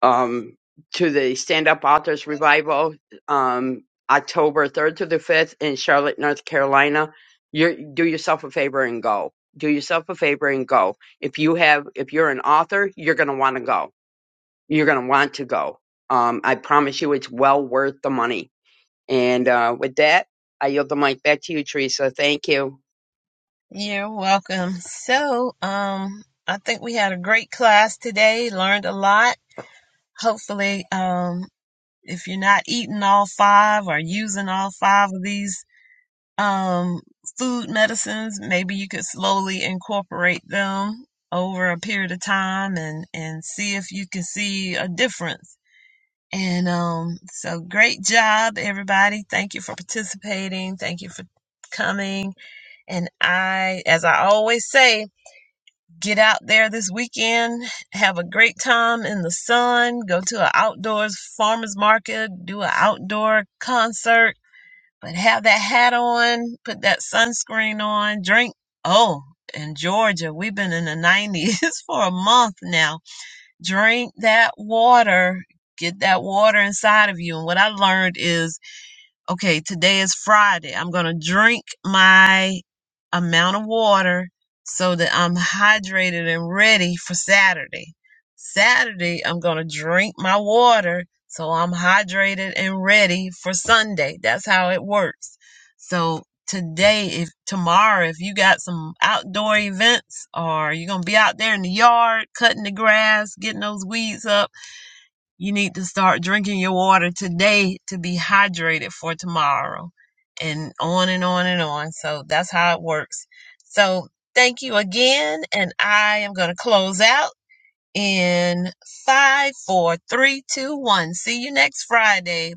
um, to the Stand Up Authors Revival, um, October 3rd to the 5th in Charlotte, North Carolina. you do yourself a favor and go. Do yourself a favor and go. If you have, if you're an author, you're going to want to go. You're going to want to go. Um, I promise you it's well worth the money. And, uh, with that, I yield the mic back to you, Teresa. Thank you. you're welcome. So, um, I think we had a great class today. Learned a lot. Hopefully, um, If you're not eating all five or using all five of these um, food medicines, maybe you could slowly incorporate them over a period of time and, and see if you can see a difference. And um, so, great job, everybody. Thank you for participating. Thank you for coming. And I, as I always say, Get out there this weekend. Have a great time in the sun. Go to an outdoors farmer's market. Do an outdoor concert. But have that hat on. Put that sunscreen on. Drink. Oh, in Georgia, we've been in the 90s for a month now. Drink that water. Get that water inside of you. And what I learned is okay, today is Friday. I'm going to drink my amount of water so that I'm hydrated and ready for Saturday. Saturday, I'm going to drink my water so I'm hydrated and ready for Sunday. That's how it works. So today, if tomorrow, if you got some outdoor events or you're going to be out there in the yard cutting the grass, getting those weeds up, you need to start drinking your water today to be hydrated for tomorrow, and on and on and on. So that's how it works. So thank you again, and I am going to close out in five, four, three, two, one. See you next Friday.